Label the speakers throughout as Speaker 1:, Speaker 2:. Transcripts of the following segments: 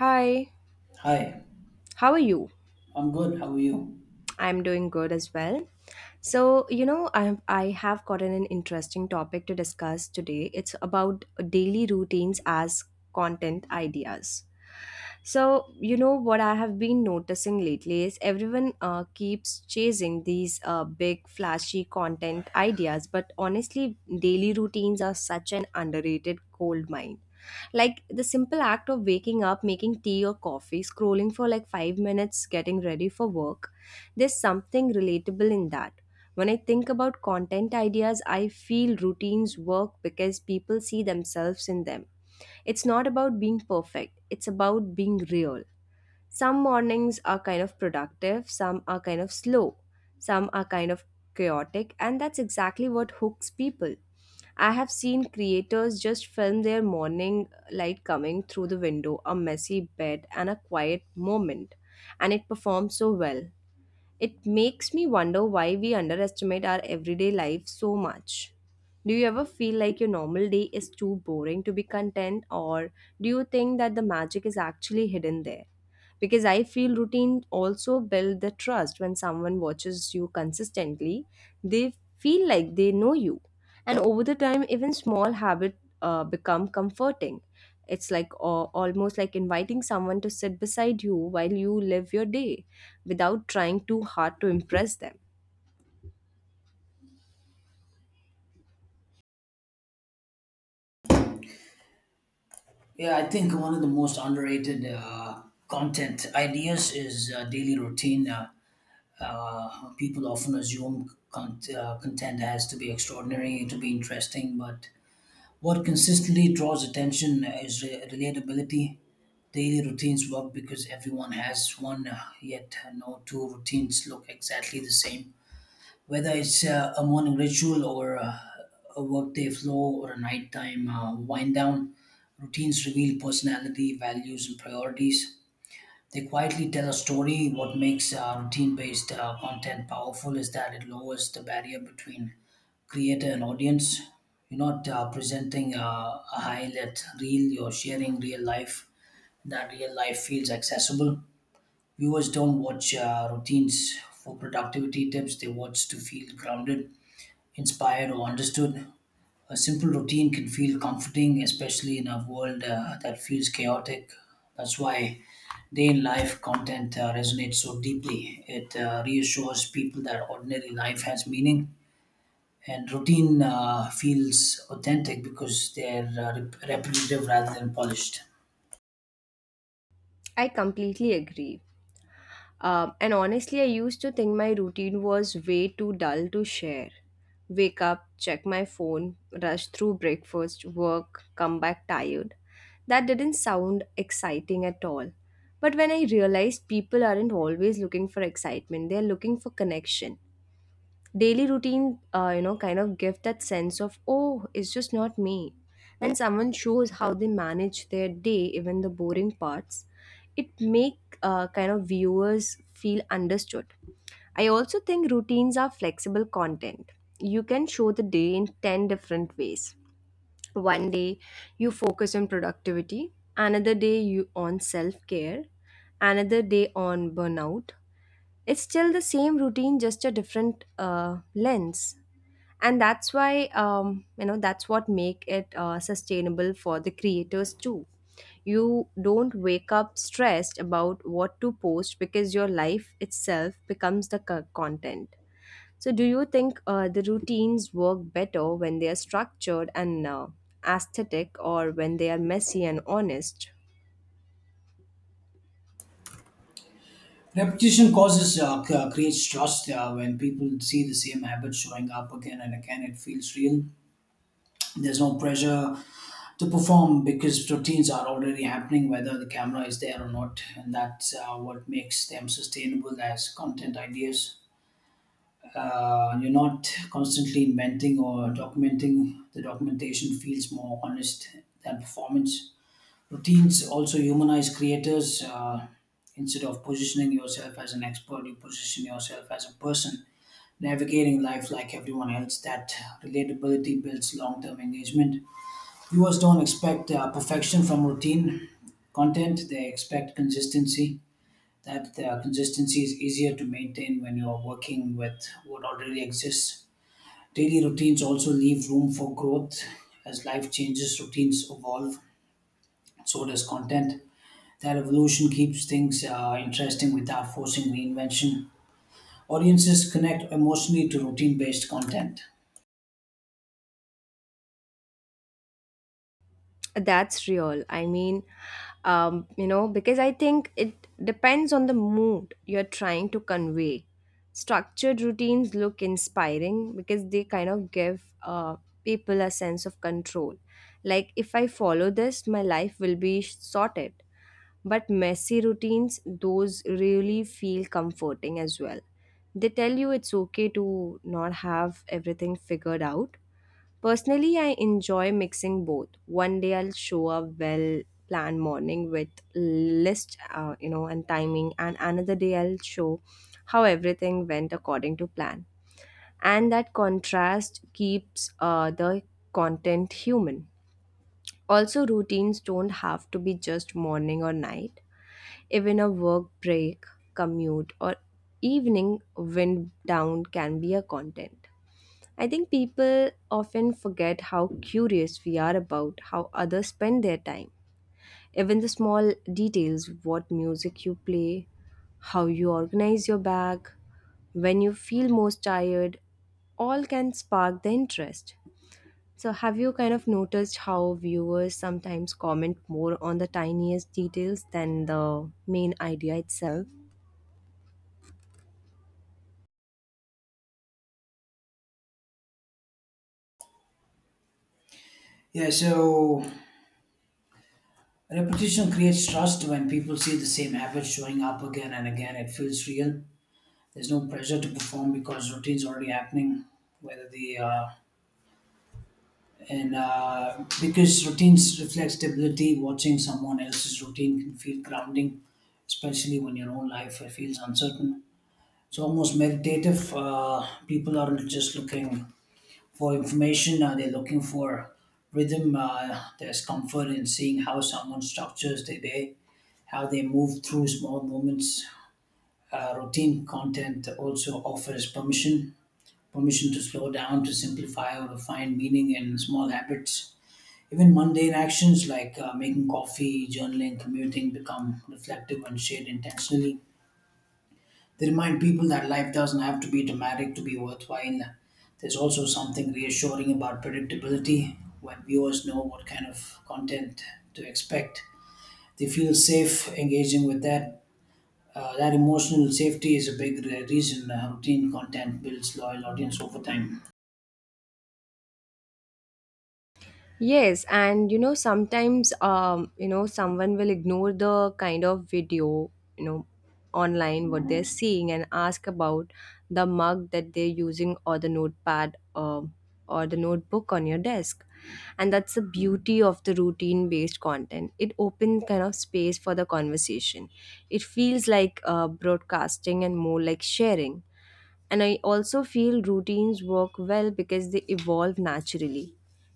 Speaker 1: Hi,
Speaker 2: Hi,
Speaker 1: how are you?
Speaker 2: I'm good. How are you?
Speaker 1: I'm doing good as well. So, I have gotten an interesting topic to discuss today. It's about daily routines as content ideas. So, what I have been noticing lately is everyone keeps chasing these big, flashy content ideas, but honestly, daily routines are such an underrated gold mine. Like the simple act of waking up, making tea or coffee, scrolling for like 5 minutes, getting ready for work, there's something relatable in that. When I think about content ideas, I feel routines work because people see themselves in them. It's not about being perfect, it's about being real. Some mornings are kind of productive, some are kind of slow, some are kind of chaotic, and that's exactly what hooks people. I have seen creators just film their morning light coming through the window, a messy bed, and a quiet moment, and it performs so well. It makes me wonder why we underestimate our everyday life so much. Do you ever feel like your normal day is too boring to be content, or do you think that the magic is actually hidden there? Because I feel routine also build the trust when someone watches you consistently, they feel like they know you, and over the time, even small habit become comforting. It's like almost like inviting someone to sit beside you while you live your day without trying too hard to impress them.
Speaker 2: Yeah, I think one of the most underrated content ideas is daily routine. People often assume content has to be extraordinary to be interesting, but what consistently draws attention is relatability. Daily routines work because everyone has one, yet no two routines look exactly the same. Whether it's a morning ritual or a workday flow or a nighttime wind down, routines reveal personality, values, and priorities. They quietly tell a story. What makes routine based content powerful is that it lowers the barrier between creator and audience. You're not presenting a highlight reel, you're sharing real life. That real life feels accessible. Viewers don't watch routines for productivity tips, they watch to feel grounded, inspired, or understood. A simple routine can feel comforting, especially in a world that feels chaotic. That's why day in life content resonates so deeply. It reassures people that ordinary life has meaning. And routine feels authentic because they're repetitive rather than polished.
Speaker 1: I completely agree. And honestly, I used to think my routine was way too dull to share. Wake up, check my phone, rush through breakfast, work, come back tired. That didn't sound exciting at all. But when I realized people aren't always looking for excitement, they're looking for connection. Daily routine kind of give that sense of, oh, it's just not me. When someone shows how they manage their day, even the boring parts, it make kind of viewers feel understood. I also think routines are flexible content. You can show the day in 10 different ways. One day you focus on productivity, another day you on self care, another day on burnout. It's still the same routine, just a different lens. And that's why, that's what make it sustainable for the creators too. You don't wake up stressed about what to post because your life itself becomes the content. So, do you think the routines work better when they are structured and aesthetic, or when they are messy and honest?
Speaker 2: Repetition creates trust. When people see the same habit showing up again and again, it feels real. There's no pressure to perform because routines are already happening whether the camera is there or not, and that's what makes them sustainable as content ideas. You're not constantly inventing or documenting. The documentation feels more honest than performance. Routines also humanize creators. Instead of positioning yourself as an expert, you position yourself as a person navigating life like everyone else. That relatability builds long-term engagement. Viewers don't expect perfection from routine content, they expect consistency. That consistency is easier to maintain when you're working with what already exists. Daily routines also leave room for growth. As life changes, routines evolve, so does content. That evolution keeps things interesting without forcing reinvention. Audiences connect emotionally to routine based content.
Speaker 1: That's real. I mean, because I think it depends on the mood you're trying to convey. Structured routines look inspiring because they kind of give people a sense of control. Like, if I follow this, my life will be sorted. But messy routines, those really feel comforting as well. They tell you it's okay to not have everything figured out. Personally, I enjoy mixing both. One day I'll show a well planned morning with list, and timing, and another day I'll show how everything went according to plan. And that contrast keeps the content human. Also, routines don't have to be just morning or night. Even a work break, commute, or evening wind down can be a content. I think people often forget how curious we are about how others spend their time. Even the small details, what music you play, how you organize your bag, when you feel most tired, all can spark the interest. So, have you kind of noticed how viewers sometimes comment more on the tiniest details than the main idea itself?
Speaker 2: Yeah, so, repetition creates trust when people see the same habit showing up again and again. It feels real. There's no pressure to perform because routine's already happening. Whether the and Because routines reflect stability, watching someone else's routine can feel grounding, especially when your own life feels uncertain. It's almost meditative. People aren't just looking for information; they're looking for rhythm. There's comfort in seeing how someone structures their day, how they move through small moments. Routine content also offers permission to slow down, to simplify, or to find meaning in small habits. Even mundane actions like making coffee, journaling, commuting become reflective and shared intentionally. They remind people that life doesn't have to be dramatic to be worthwhile. There's also something reassuring about predictability when viewers know what kind of content to expect. They feel safe engaging with that. That emotional safety is a big reason routine content builds loyal audience over time.
Speaker 1: Yes, and sometimes, someone will ignore the kind of video, you know, online what they're seeing and ask about the mug that they're using or the notepad or the notebook on your desk. And that's the beauty of the routine based content. It opens kind of space for the conversation. It feels like broadcasting and more like sharing. And I also feel routines work well because they evolve naturally.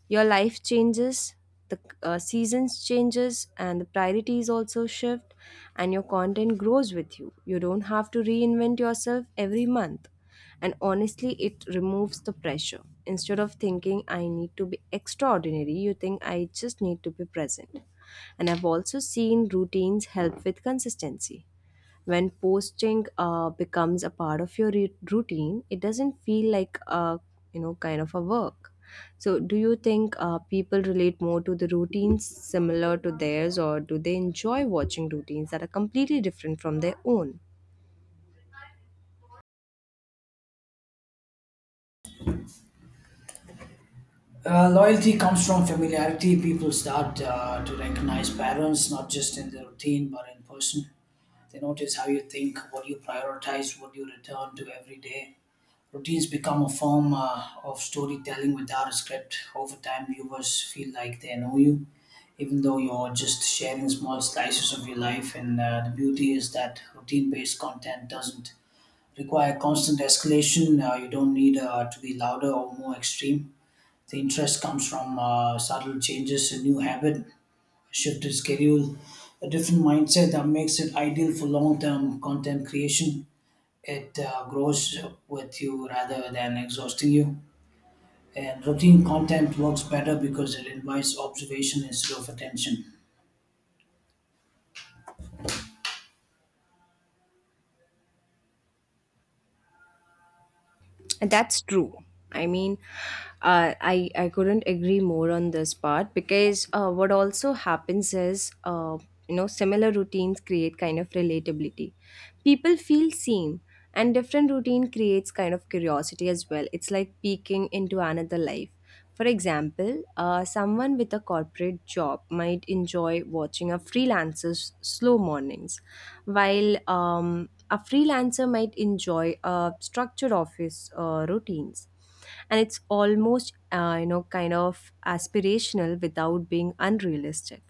Speaker 1: Your life changes, the seasons changes, and the priorities also shift, and your content grows with you. You don't have to reinvent yourself every month. And honestly, it removes the pressure. Instead of thinking I need to be extraordinary, you think I just need to be present. And I've also seen routines help with consistency when posting becomes a part of your routine. It doesn't feel like a, kind of a work. So, do you think people relate more to the routines similar to theirs, or do they enjoy watching routines that are completely different from their own?
Speaker 2: Loyalty comes from familiarity. People start to recognize patterns, not just in the routine, but in person. They notice how you think, what you prioritize, what you return to every day. Routines become a form of storytelling without a script. Over time, viewers feel like they know you, even though you're just sharing small slices of your life. And the beauty is that routine based content doesn't require constant escalation. You don't need to be louder or more extreme. The interest comes from subtle changes, a new habit, a shifted schedule, a different mindset. That makes it ideal for long term content creation. It grows with you rather than exhausting you. And routine content works better because it invites observation instead of attention.
Speaker 1: That's true. I mean, I couldn't agree more on this part because what also happens is, similar routines create kind of relatability. People feel seen, and different routine creates kind of curiosity as well. It's like peeking into another life. For example, someone with a corporate job might enjoy watching a freelancer's slow mornings, while a freelancer might enjoy structured office routines. And it's almost kind of aspirational without being unrealistic.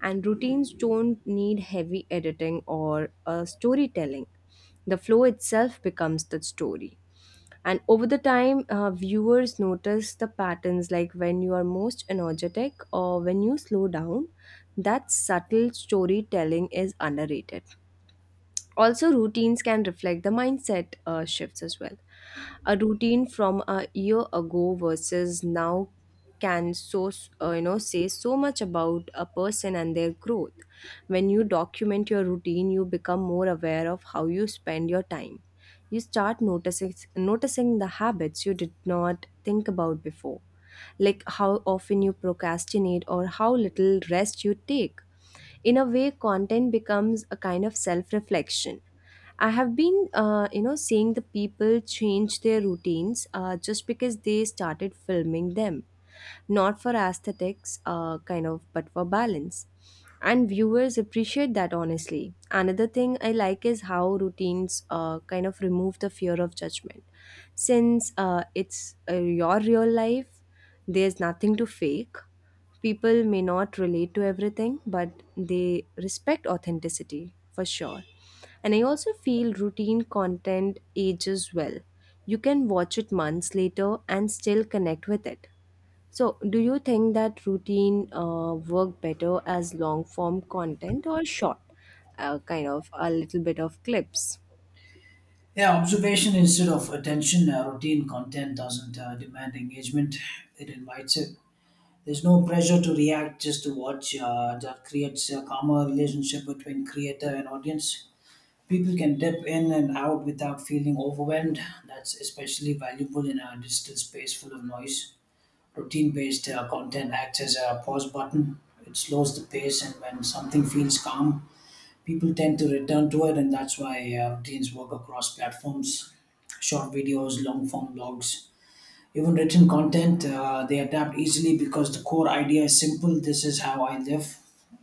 Speaker 1: And routines don't need heavy editing or storytelling. The flow itself becomes the story. And over the time, viewers notice the patterns, like when you are most energetic or when you slow down. That subtle storytelling is underrated. Also, routines can reflect the mindset shifts as well. A routine from a year ago versus now can, say so much about a person and their growth. When you document your routine, you become more aware of how you spend your time. You start noticing the habits you did not think about before, like how often you procrastinate or how little rest you take. In a way, content becomes a kind of self reflection. I have been seeing the people change their routines, just because they started filming them, not for aesthetics, kind of, but for balance. And viewers appreciate that, honestly. Another thing I like is how routines kind of remove the fear of judgment. Since it's uh, your real life, there's nothing to fake. People may not relate to everything, but they respect authenticity for sure. And I also feel routine content ages well. You can watch it months later and still connect with it. So, do you think that routine work better as long form content or short, kind of, a little bit of clips?
Speaker 2: Yeah, observation instead of attention. Routine content doesn't demand engagement, it invites it. There's no pressure to react, just to watch. That creates a calmer relationship between creator and audience. People can dip in and out without feeling overwhelmed. That's especially valuable in a digital space full of noise. Routine based content acts as a pause button, it slows the pace, and when something feels calm, people tend to return to it. And that's why routines work across platforms: short videos, long form blogs, even written content. They adapt easily because the core idea is simple: this is how I live.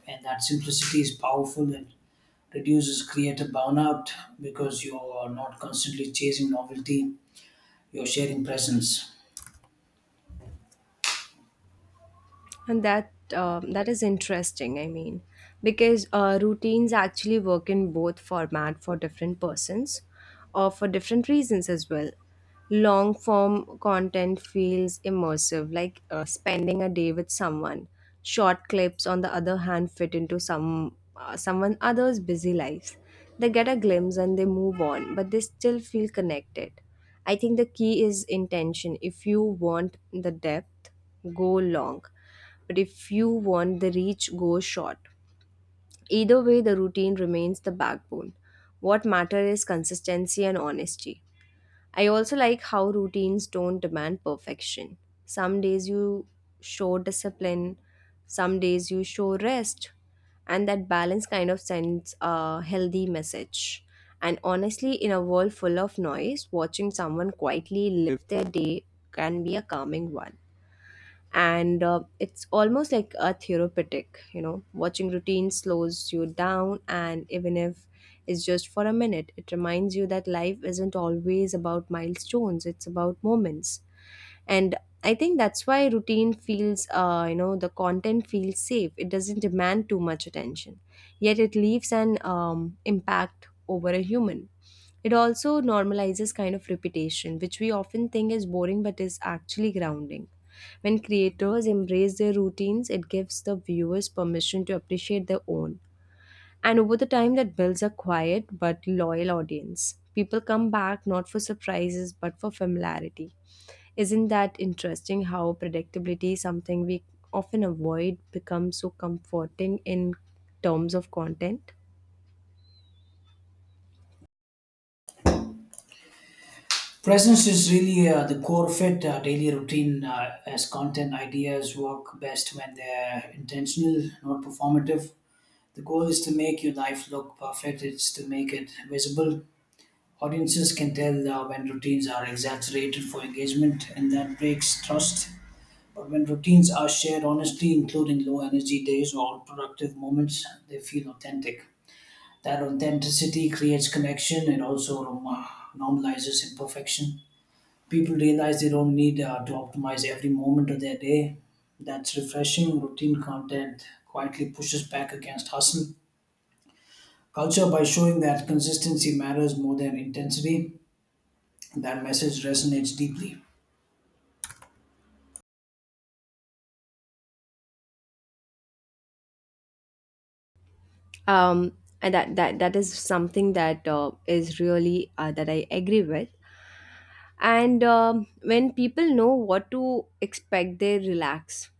Speaker 2: And that simplicity is powerful and reduces creative burnout because you're not constantly chasing novelty, you're sharing presence.
Speaker 1: And that is interesting. I mean, because routines actually work in both format for different persons, or for different reasons as well. Long form content feels immersive, like spending a day with someone. Short clips, on the other hand, fit into someone others' busy lives. They get a glimpse and they move on, but they still feel connected. I think the key is intention. If you want the depth, go long. But if you want the reach, go short. Either way, the routine remains the backbone. What matters is consistency and honesty. I also like how routines don't demand perfection. Some days you show discipline, some days you show rest, and that balance kind of sends a healthy message. And honestly, in a world full of noise, watching someone quietly live their day can be a calming one. And it's almost like a therapeutic, watching routine slows you down, and even if it's just for a minute, it reminds you that life isn't always about milestones, it's about moments. And I think that's why routine feels, the content feels safe. It doesn't demand too much attention, yet it leaves an impact over a human. It also normalizes kind of repetition, which we often think is boring but is actually grounding. When creators embrace their routines, it gives the viewers permission to appreciate their own. And over the time, that builds a quiet but loyal audience. People come back not for surprises but for familiarity. Isn't that interesting how predictability, something we often avoid, becomes so comforting in terms of content?
Speaker 2: Presence is really the core fit. Daily routine as content ideas work best when they're intentional, not performative. The goal is to make your life look perfect, it's to make it visible. Audiences can tell when routines are exaggerated for engagement, and that breaks trust. But when routines are shared honestly, including low energy days or productive moments, they feel authentic. That authenticity creates connection. It also normalizes imperfection. People realize they don't need to optimize every moment of their day. That's refreshing. Routine content quietly pushes back against hustle culture by showing that consistency matters more than intensity. That message resonates deeply.
Speaker 1: And that is something that is really that I agree with. And when people know what to expect, they relax.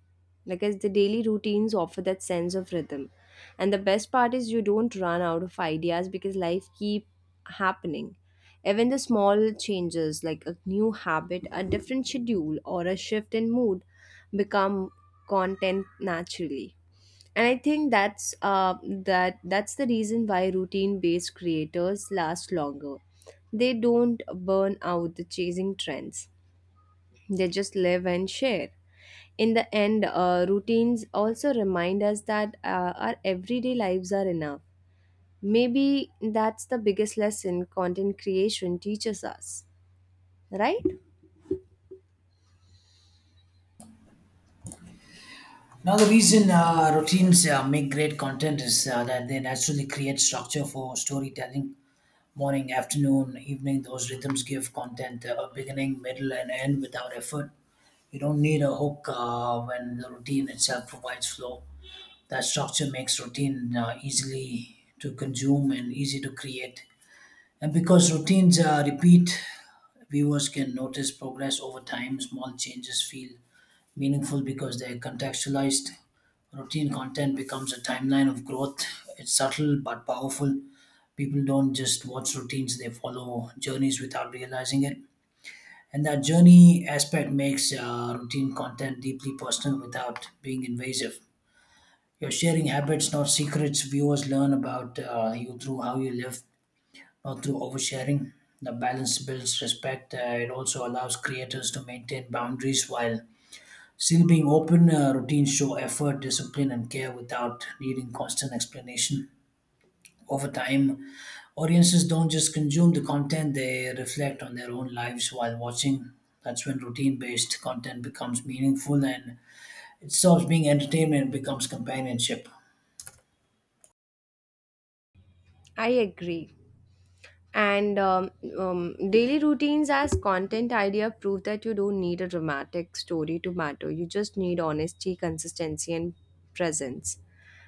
Speaker 1: Like as the daily routines offer that sense of rhythm, and the best part is you don't run out of ideas because life keep happening. Even the small changes, like a new habit, a different schedule, or a shift in mood, become content naturally. And I think that's that's the reason why routine based creators last longer. They don't burn out the chasing trends, they just live and share. In the end, routines also remind us that our everyday lives are enough. Maybe that's the biggest lesson content creation teaches us, right?
Speaker 2: Now, the reason routines make great content is that they naturally create structure for storytelling. Morning, afternoon, evening, those rhythms give content a beginning, middle, and end without effort. You don't need a hook when the routine itself provides flow. That structure makes routine easily to consume and easy to create. And because routines repeat, viewers can notice progress over time. Small changes feel meaningful because they contextualized. Routine content becomes a timeline of growth. It's subtle but powerful. People don't just watch routines, they follow journeys without realizing it. And that journey aspect makes routine content deeply personal without being invasive. You're sharing habits, not secrets. Viewers learn about you through how you live, not through oversharing. The balance builds respect. It also allows creators to maintain boundaries while still being open. Routines show effort, discipline, and care without needing constant explanation. Over time, audiences don't just consume the content, they reflect on their own lives while watching. That's when routine based content becomes meaningful, and it stops being entertainment and becomes companionship.
Speaker 1: I agree. And Daily routines as content idea prove that you don't need a dramatic story to matter. You just need honesty, consistency, and presence.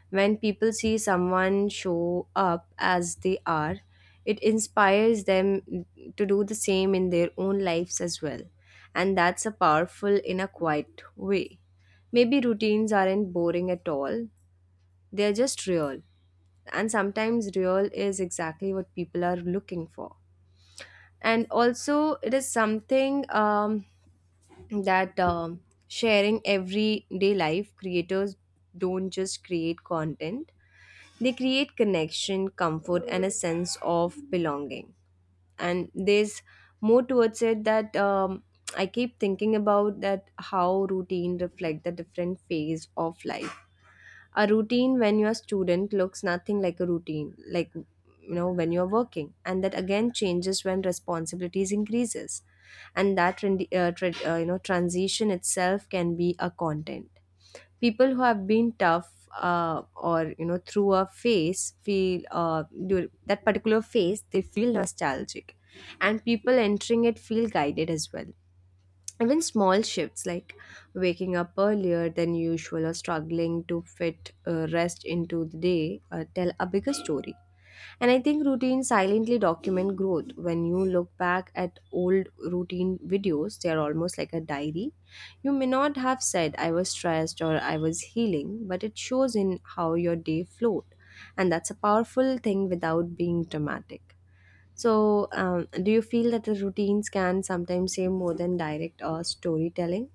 Speaker 1: When people see someone show up as they are, it inspires them to do the same in their own lives as well. And that's a powerful in a quiet way. Maybe routines aren't boring at all, they're just real. And sometimes real is exactly what people are looking for. And also it is something, that sharing everyday life creators don't just create content, they create connection, comfort, and a sense of belonging. And there's more towards it that, I keep thinking about that, how routine reflect the different phase of life. A routine when you're a student looks nothing like a routine, like, you know, when you're working, and that again changes when responsibilities increases. And that you know, transition itself can be a content. People who have been tough, or, you know, through a phase feel, that particular phase, they feel nostalgic, and people entering it feel guided as well. Even small shifts like waking up earlier than usual or struggling to fit rest into the day tell a bigger story. And I think routines silently document growth. When you look back at old routine videos, they are almost like a diary. You may not have said I was stressed or I was healing, but it shows in how your day flowed. And that's a powerful thing without being dramatic. So, do you feel that the routines can sometimes say more than direct or storytelling?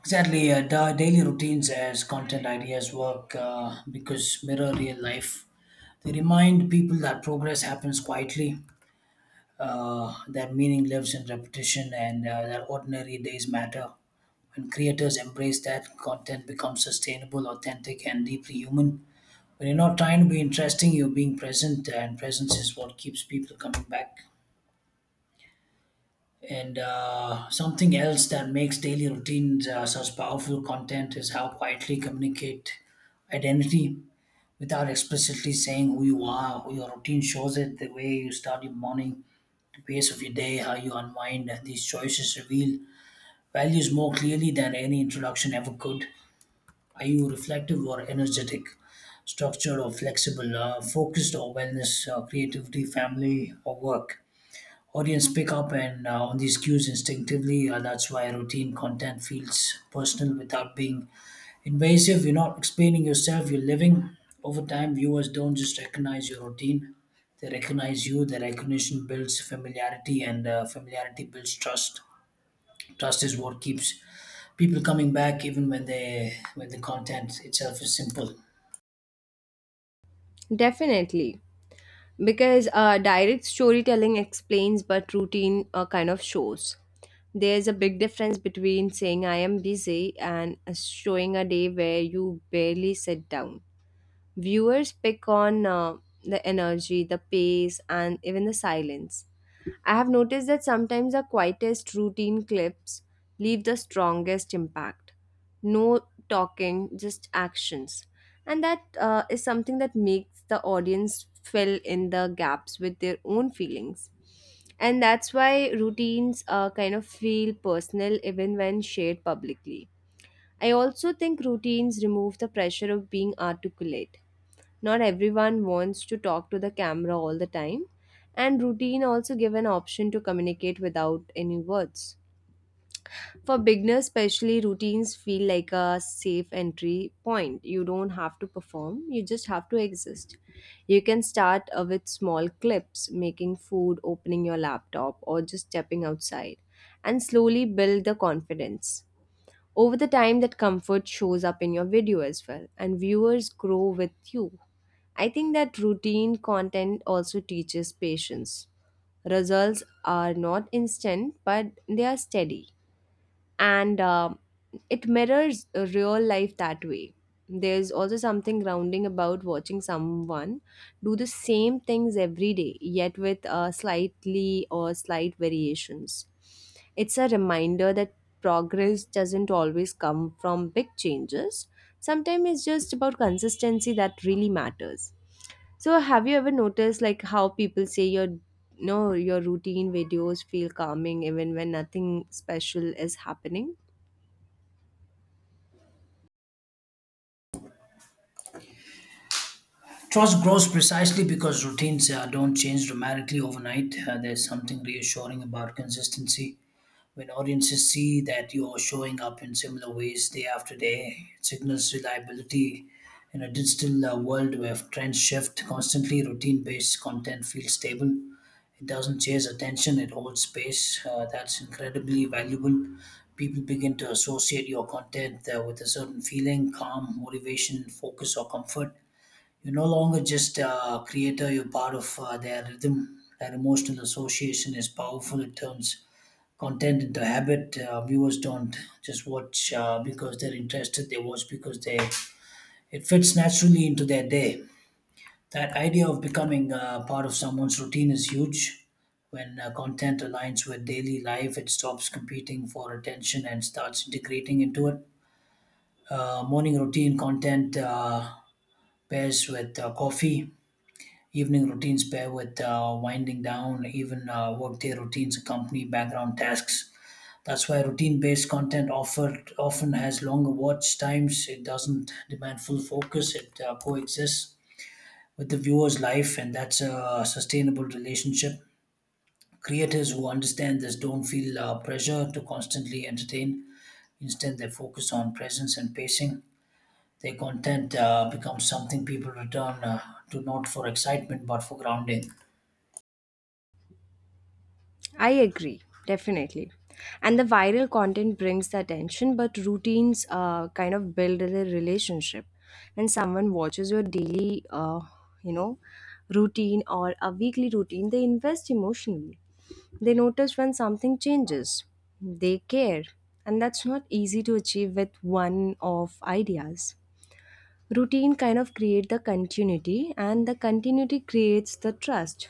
Speaker 2: Exactly, daily routines as content ideas work because mirror real life. They remind people that progress happens quietly. Their meaning lives in repetition, and their ordinary days matter. When creators embrace that, content becomes sustainable, authentic, and deeply human. When you're not trying to be interesting, you're being present, and presence is what keeps people coming back. And something else that makes daily routines such powerful content is how quietly communicate identity without explicitly saying who you are. Your routine shows it: the way you start your morning, pace of your day, how you unwind. These choices reveal values more clearly than any introduction ever could. Are you reflective or energetic, structured or flexible, focused or wellness, creativity, family or work? Audience pick up and on these cues instinctively. That's why routine content feels personal without being invasive. You're not explaining yourself, you're living. Over time, viewers don't just recognize your routine, they recognize you. The recognition builds familiarity, and familiarity builds trust. Trust is what keeps people coming back, even when the content itself is simple.
Speaker 1: Definitely, because direct storytelling explains, but routine kind of shows. There's a big difference between saying I am busy and showing a day where you barely sit down. Viewers pick on, the energy, the pace, and even the silence. I have noticed that sometimes the quietest routine clips leave the strongest impact. No talking, just actions. And that is something that makes the audience fill in the gaps with their own feelings. And that's why routines kind of feel personal even when shared publicly. I also think routines remove the pressure of being articulate. Not everyone wants to talk to the camera all the time, and routine also give an option to communicate without any words. For beginners especially, routines feel like a safe entry point. You don't have to perform, you just have to exist. You can start with small clips, making food, opening your laptop, or just stepping outside, and slowly build the confidence. Over the time, that comfort shows up in your video as well, and viewers grow with you. I think that routine content also teaches patience. Results are not instant, but they are steady. And it mirrors a real life that way. There's also something grounding about watching someone do the same things every day, yet with slight variations. It's a reminder that progress doesn't always come from big changes, sometimes it's just about consistency that really matters. So have you ever noticed, like, how people say your, no your routine videos feel calming even when nothing special is happening?
Speaker 2: Trust grows precisely because routines don't change dramatically overnight. There's something reassuring about consistency. When audiences see that you're showing up in similar ways day after day, it signals reliability. In a digital world where trends shift constantly, routine based content feels stable. It doesn't chase attention, it holds space. That's incredibly valuable. People begin to associate your content with a certain feeling: calm, motivation, focus, or comfort. You're no longer just a creator, you're part of their rhythm. That emotional association is powerful. It turns content into habit. Viewers don't just watch because they're interested; they watch because they it fits naturally into their day. That idea of becoming part of someone's routine is huge. When content aligns with daily life, it stops competing for attention and starts integrating into it. Morning routine content pairs with coffee. Evening routines pair with winding down. Even workday routines accompany background tasks. That's why routine-based content offered often has longer watch times. It doesn't demand full focus. It coexists with the viewer's life, and that's a sustainable relationship. Creators who understand this don't feel pressure to constantly entertain. Instead, they focus on presence and pacing. Their content becomes something people return to not for excitement but for grounding.
Speaker 1: I agree, definitely. And the viral content brings the attention, but routines kind of build the relationship. When someone watches your daily, you know, routine or a weekly routine, they invest emotionally. They notice when something changes. They care. And that's not easy to achieve with one off ideas. Routine kind of create the continuity, and the continuity creates the trust.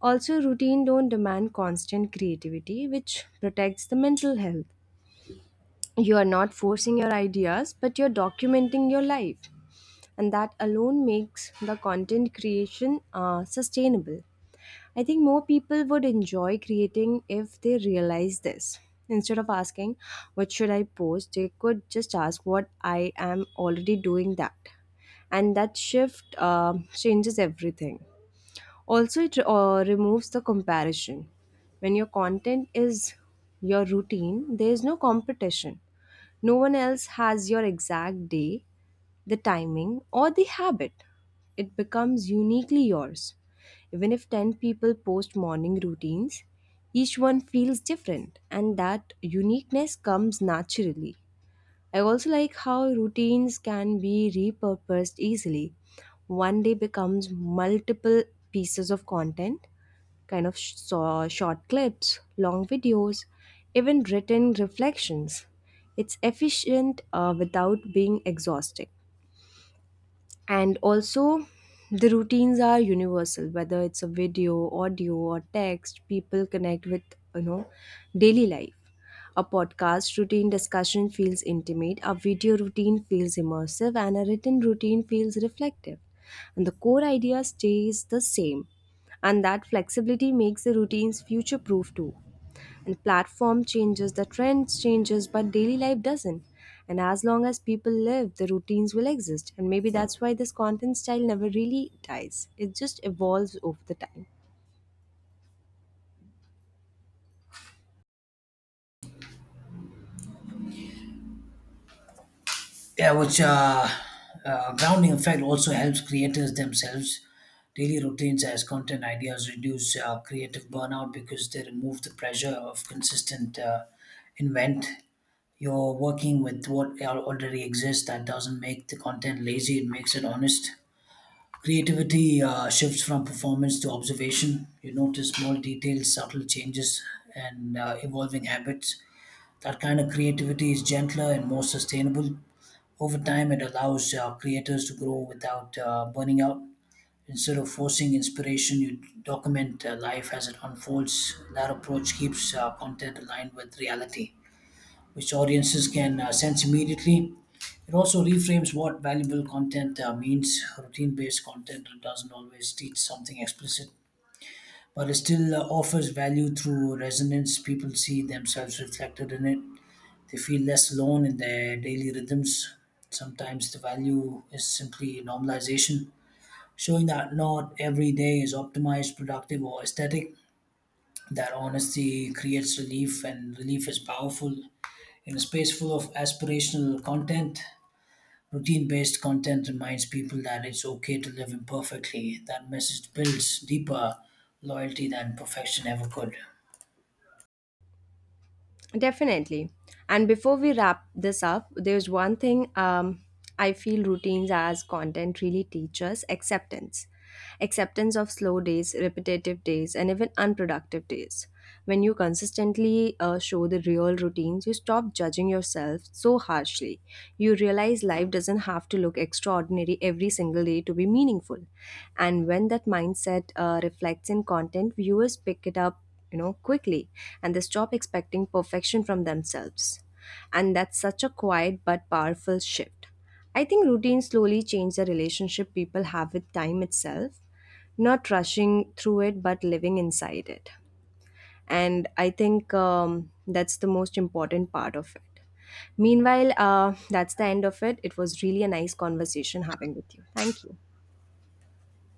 Speaker 1: Also, routine don't demand constant creativity, which protects the mental health. You are not forcing your ideas, but you're documenting your life. And that alone makes the content creation sustainable. I think more people would enjoy creating if they realize this. Instead of asking, what should I post, they could just ask what I am already doing that. And that shift changes everything. Also, it removes the comparison. When your content is your routine, there is no competition. No one else has your exact day, the timing, or the habit. It becomes uniquely yours. Even if 10 people post morning routines, each one feels different, and that uniqueness comes naturally. I also like how routines can be repurposed easily. One day becomes multiple pieces of content, kind of short clips, long videos, even written reflections. It's efficient without being exhausting. And also, the routines are universal, whether it's a video, audio, or text, people connect with, you know, daily life. A podcast routine discussion feels intimate, a video routine feels immersive, and a written routine feels reflective, and the core idea stays the same. And that flexibility makes the routines future proof too. And platform changes, the trends changes, but daily life doesn't. And as long as people live, the routines will exist. And maybe that's why this content style never really dies, it just evolves over the time.
Speaker 2: Yeah, which grounding effect also helps creators themselves. Daily routines as content ideas reduce creative burnout because they remove the pressure of consistent invent. You're working with what already exists. That doesn't make the content lazy. It makes it honest. Creativity shifts from performance to observation. You notice small details, subtle changes, and evolving habits. That kind of creativity is gentler and more sustainable. Over time, it allows creators to grow without burning out. Instead of forcing inspiration, you document life as it unfolds. That approach keeps content aligned with reality, which audiences can sense immediately. It also reframes what valuable content means. Routine based content doesn't always teach something explicit, but it still offers value through resonance. People see themselves reflected in it. They feel less alone in their daily rhythms. Sometimes the value is simply normalization, showing that not every day is optimized, productive, or aesthetic. That honesty creates relief, and relief is powerful. In a space full of aspirational content, routine based content reminds people that it's okay to live imperfectly. That message builds deeper loyalty than perfection ever could.
Speaker 1: Definitely. And before we wrap this up, there's one thing, I feel routines as content really teach us acceptance. Acceptance of slow days, repetitive days, and even unproductive days. When you consistently show the real routines, you stop judging yourself so harshly. You realize life doesn't have to look extraordinary every single day to be meaningful. And when that mindset reflects in content, viewers pick it up, you know, quickly, and they stop expecting perfection from themselves. And that's such a quiet but powerful shift. I think routines slowly change the relationship people have with time itself, not rushing through it but living inside it. And I think, that's the most important part of it. Meanwhile, that's the end of it. It was really a nice conversation having with you. Thank you.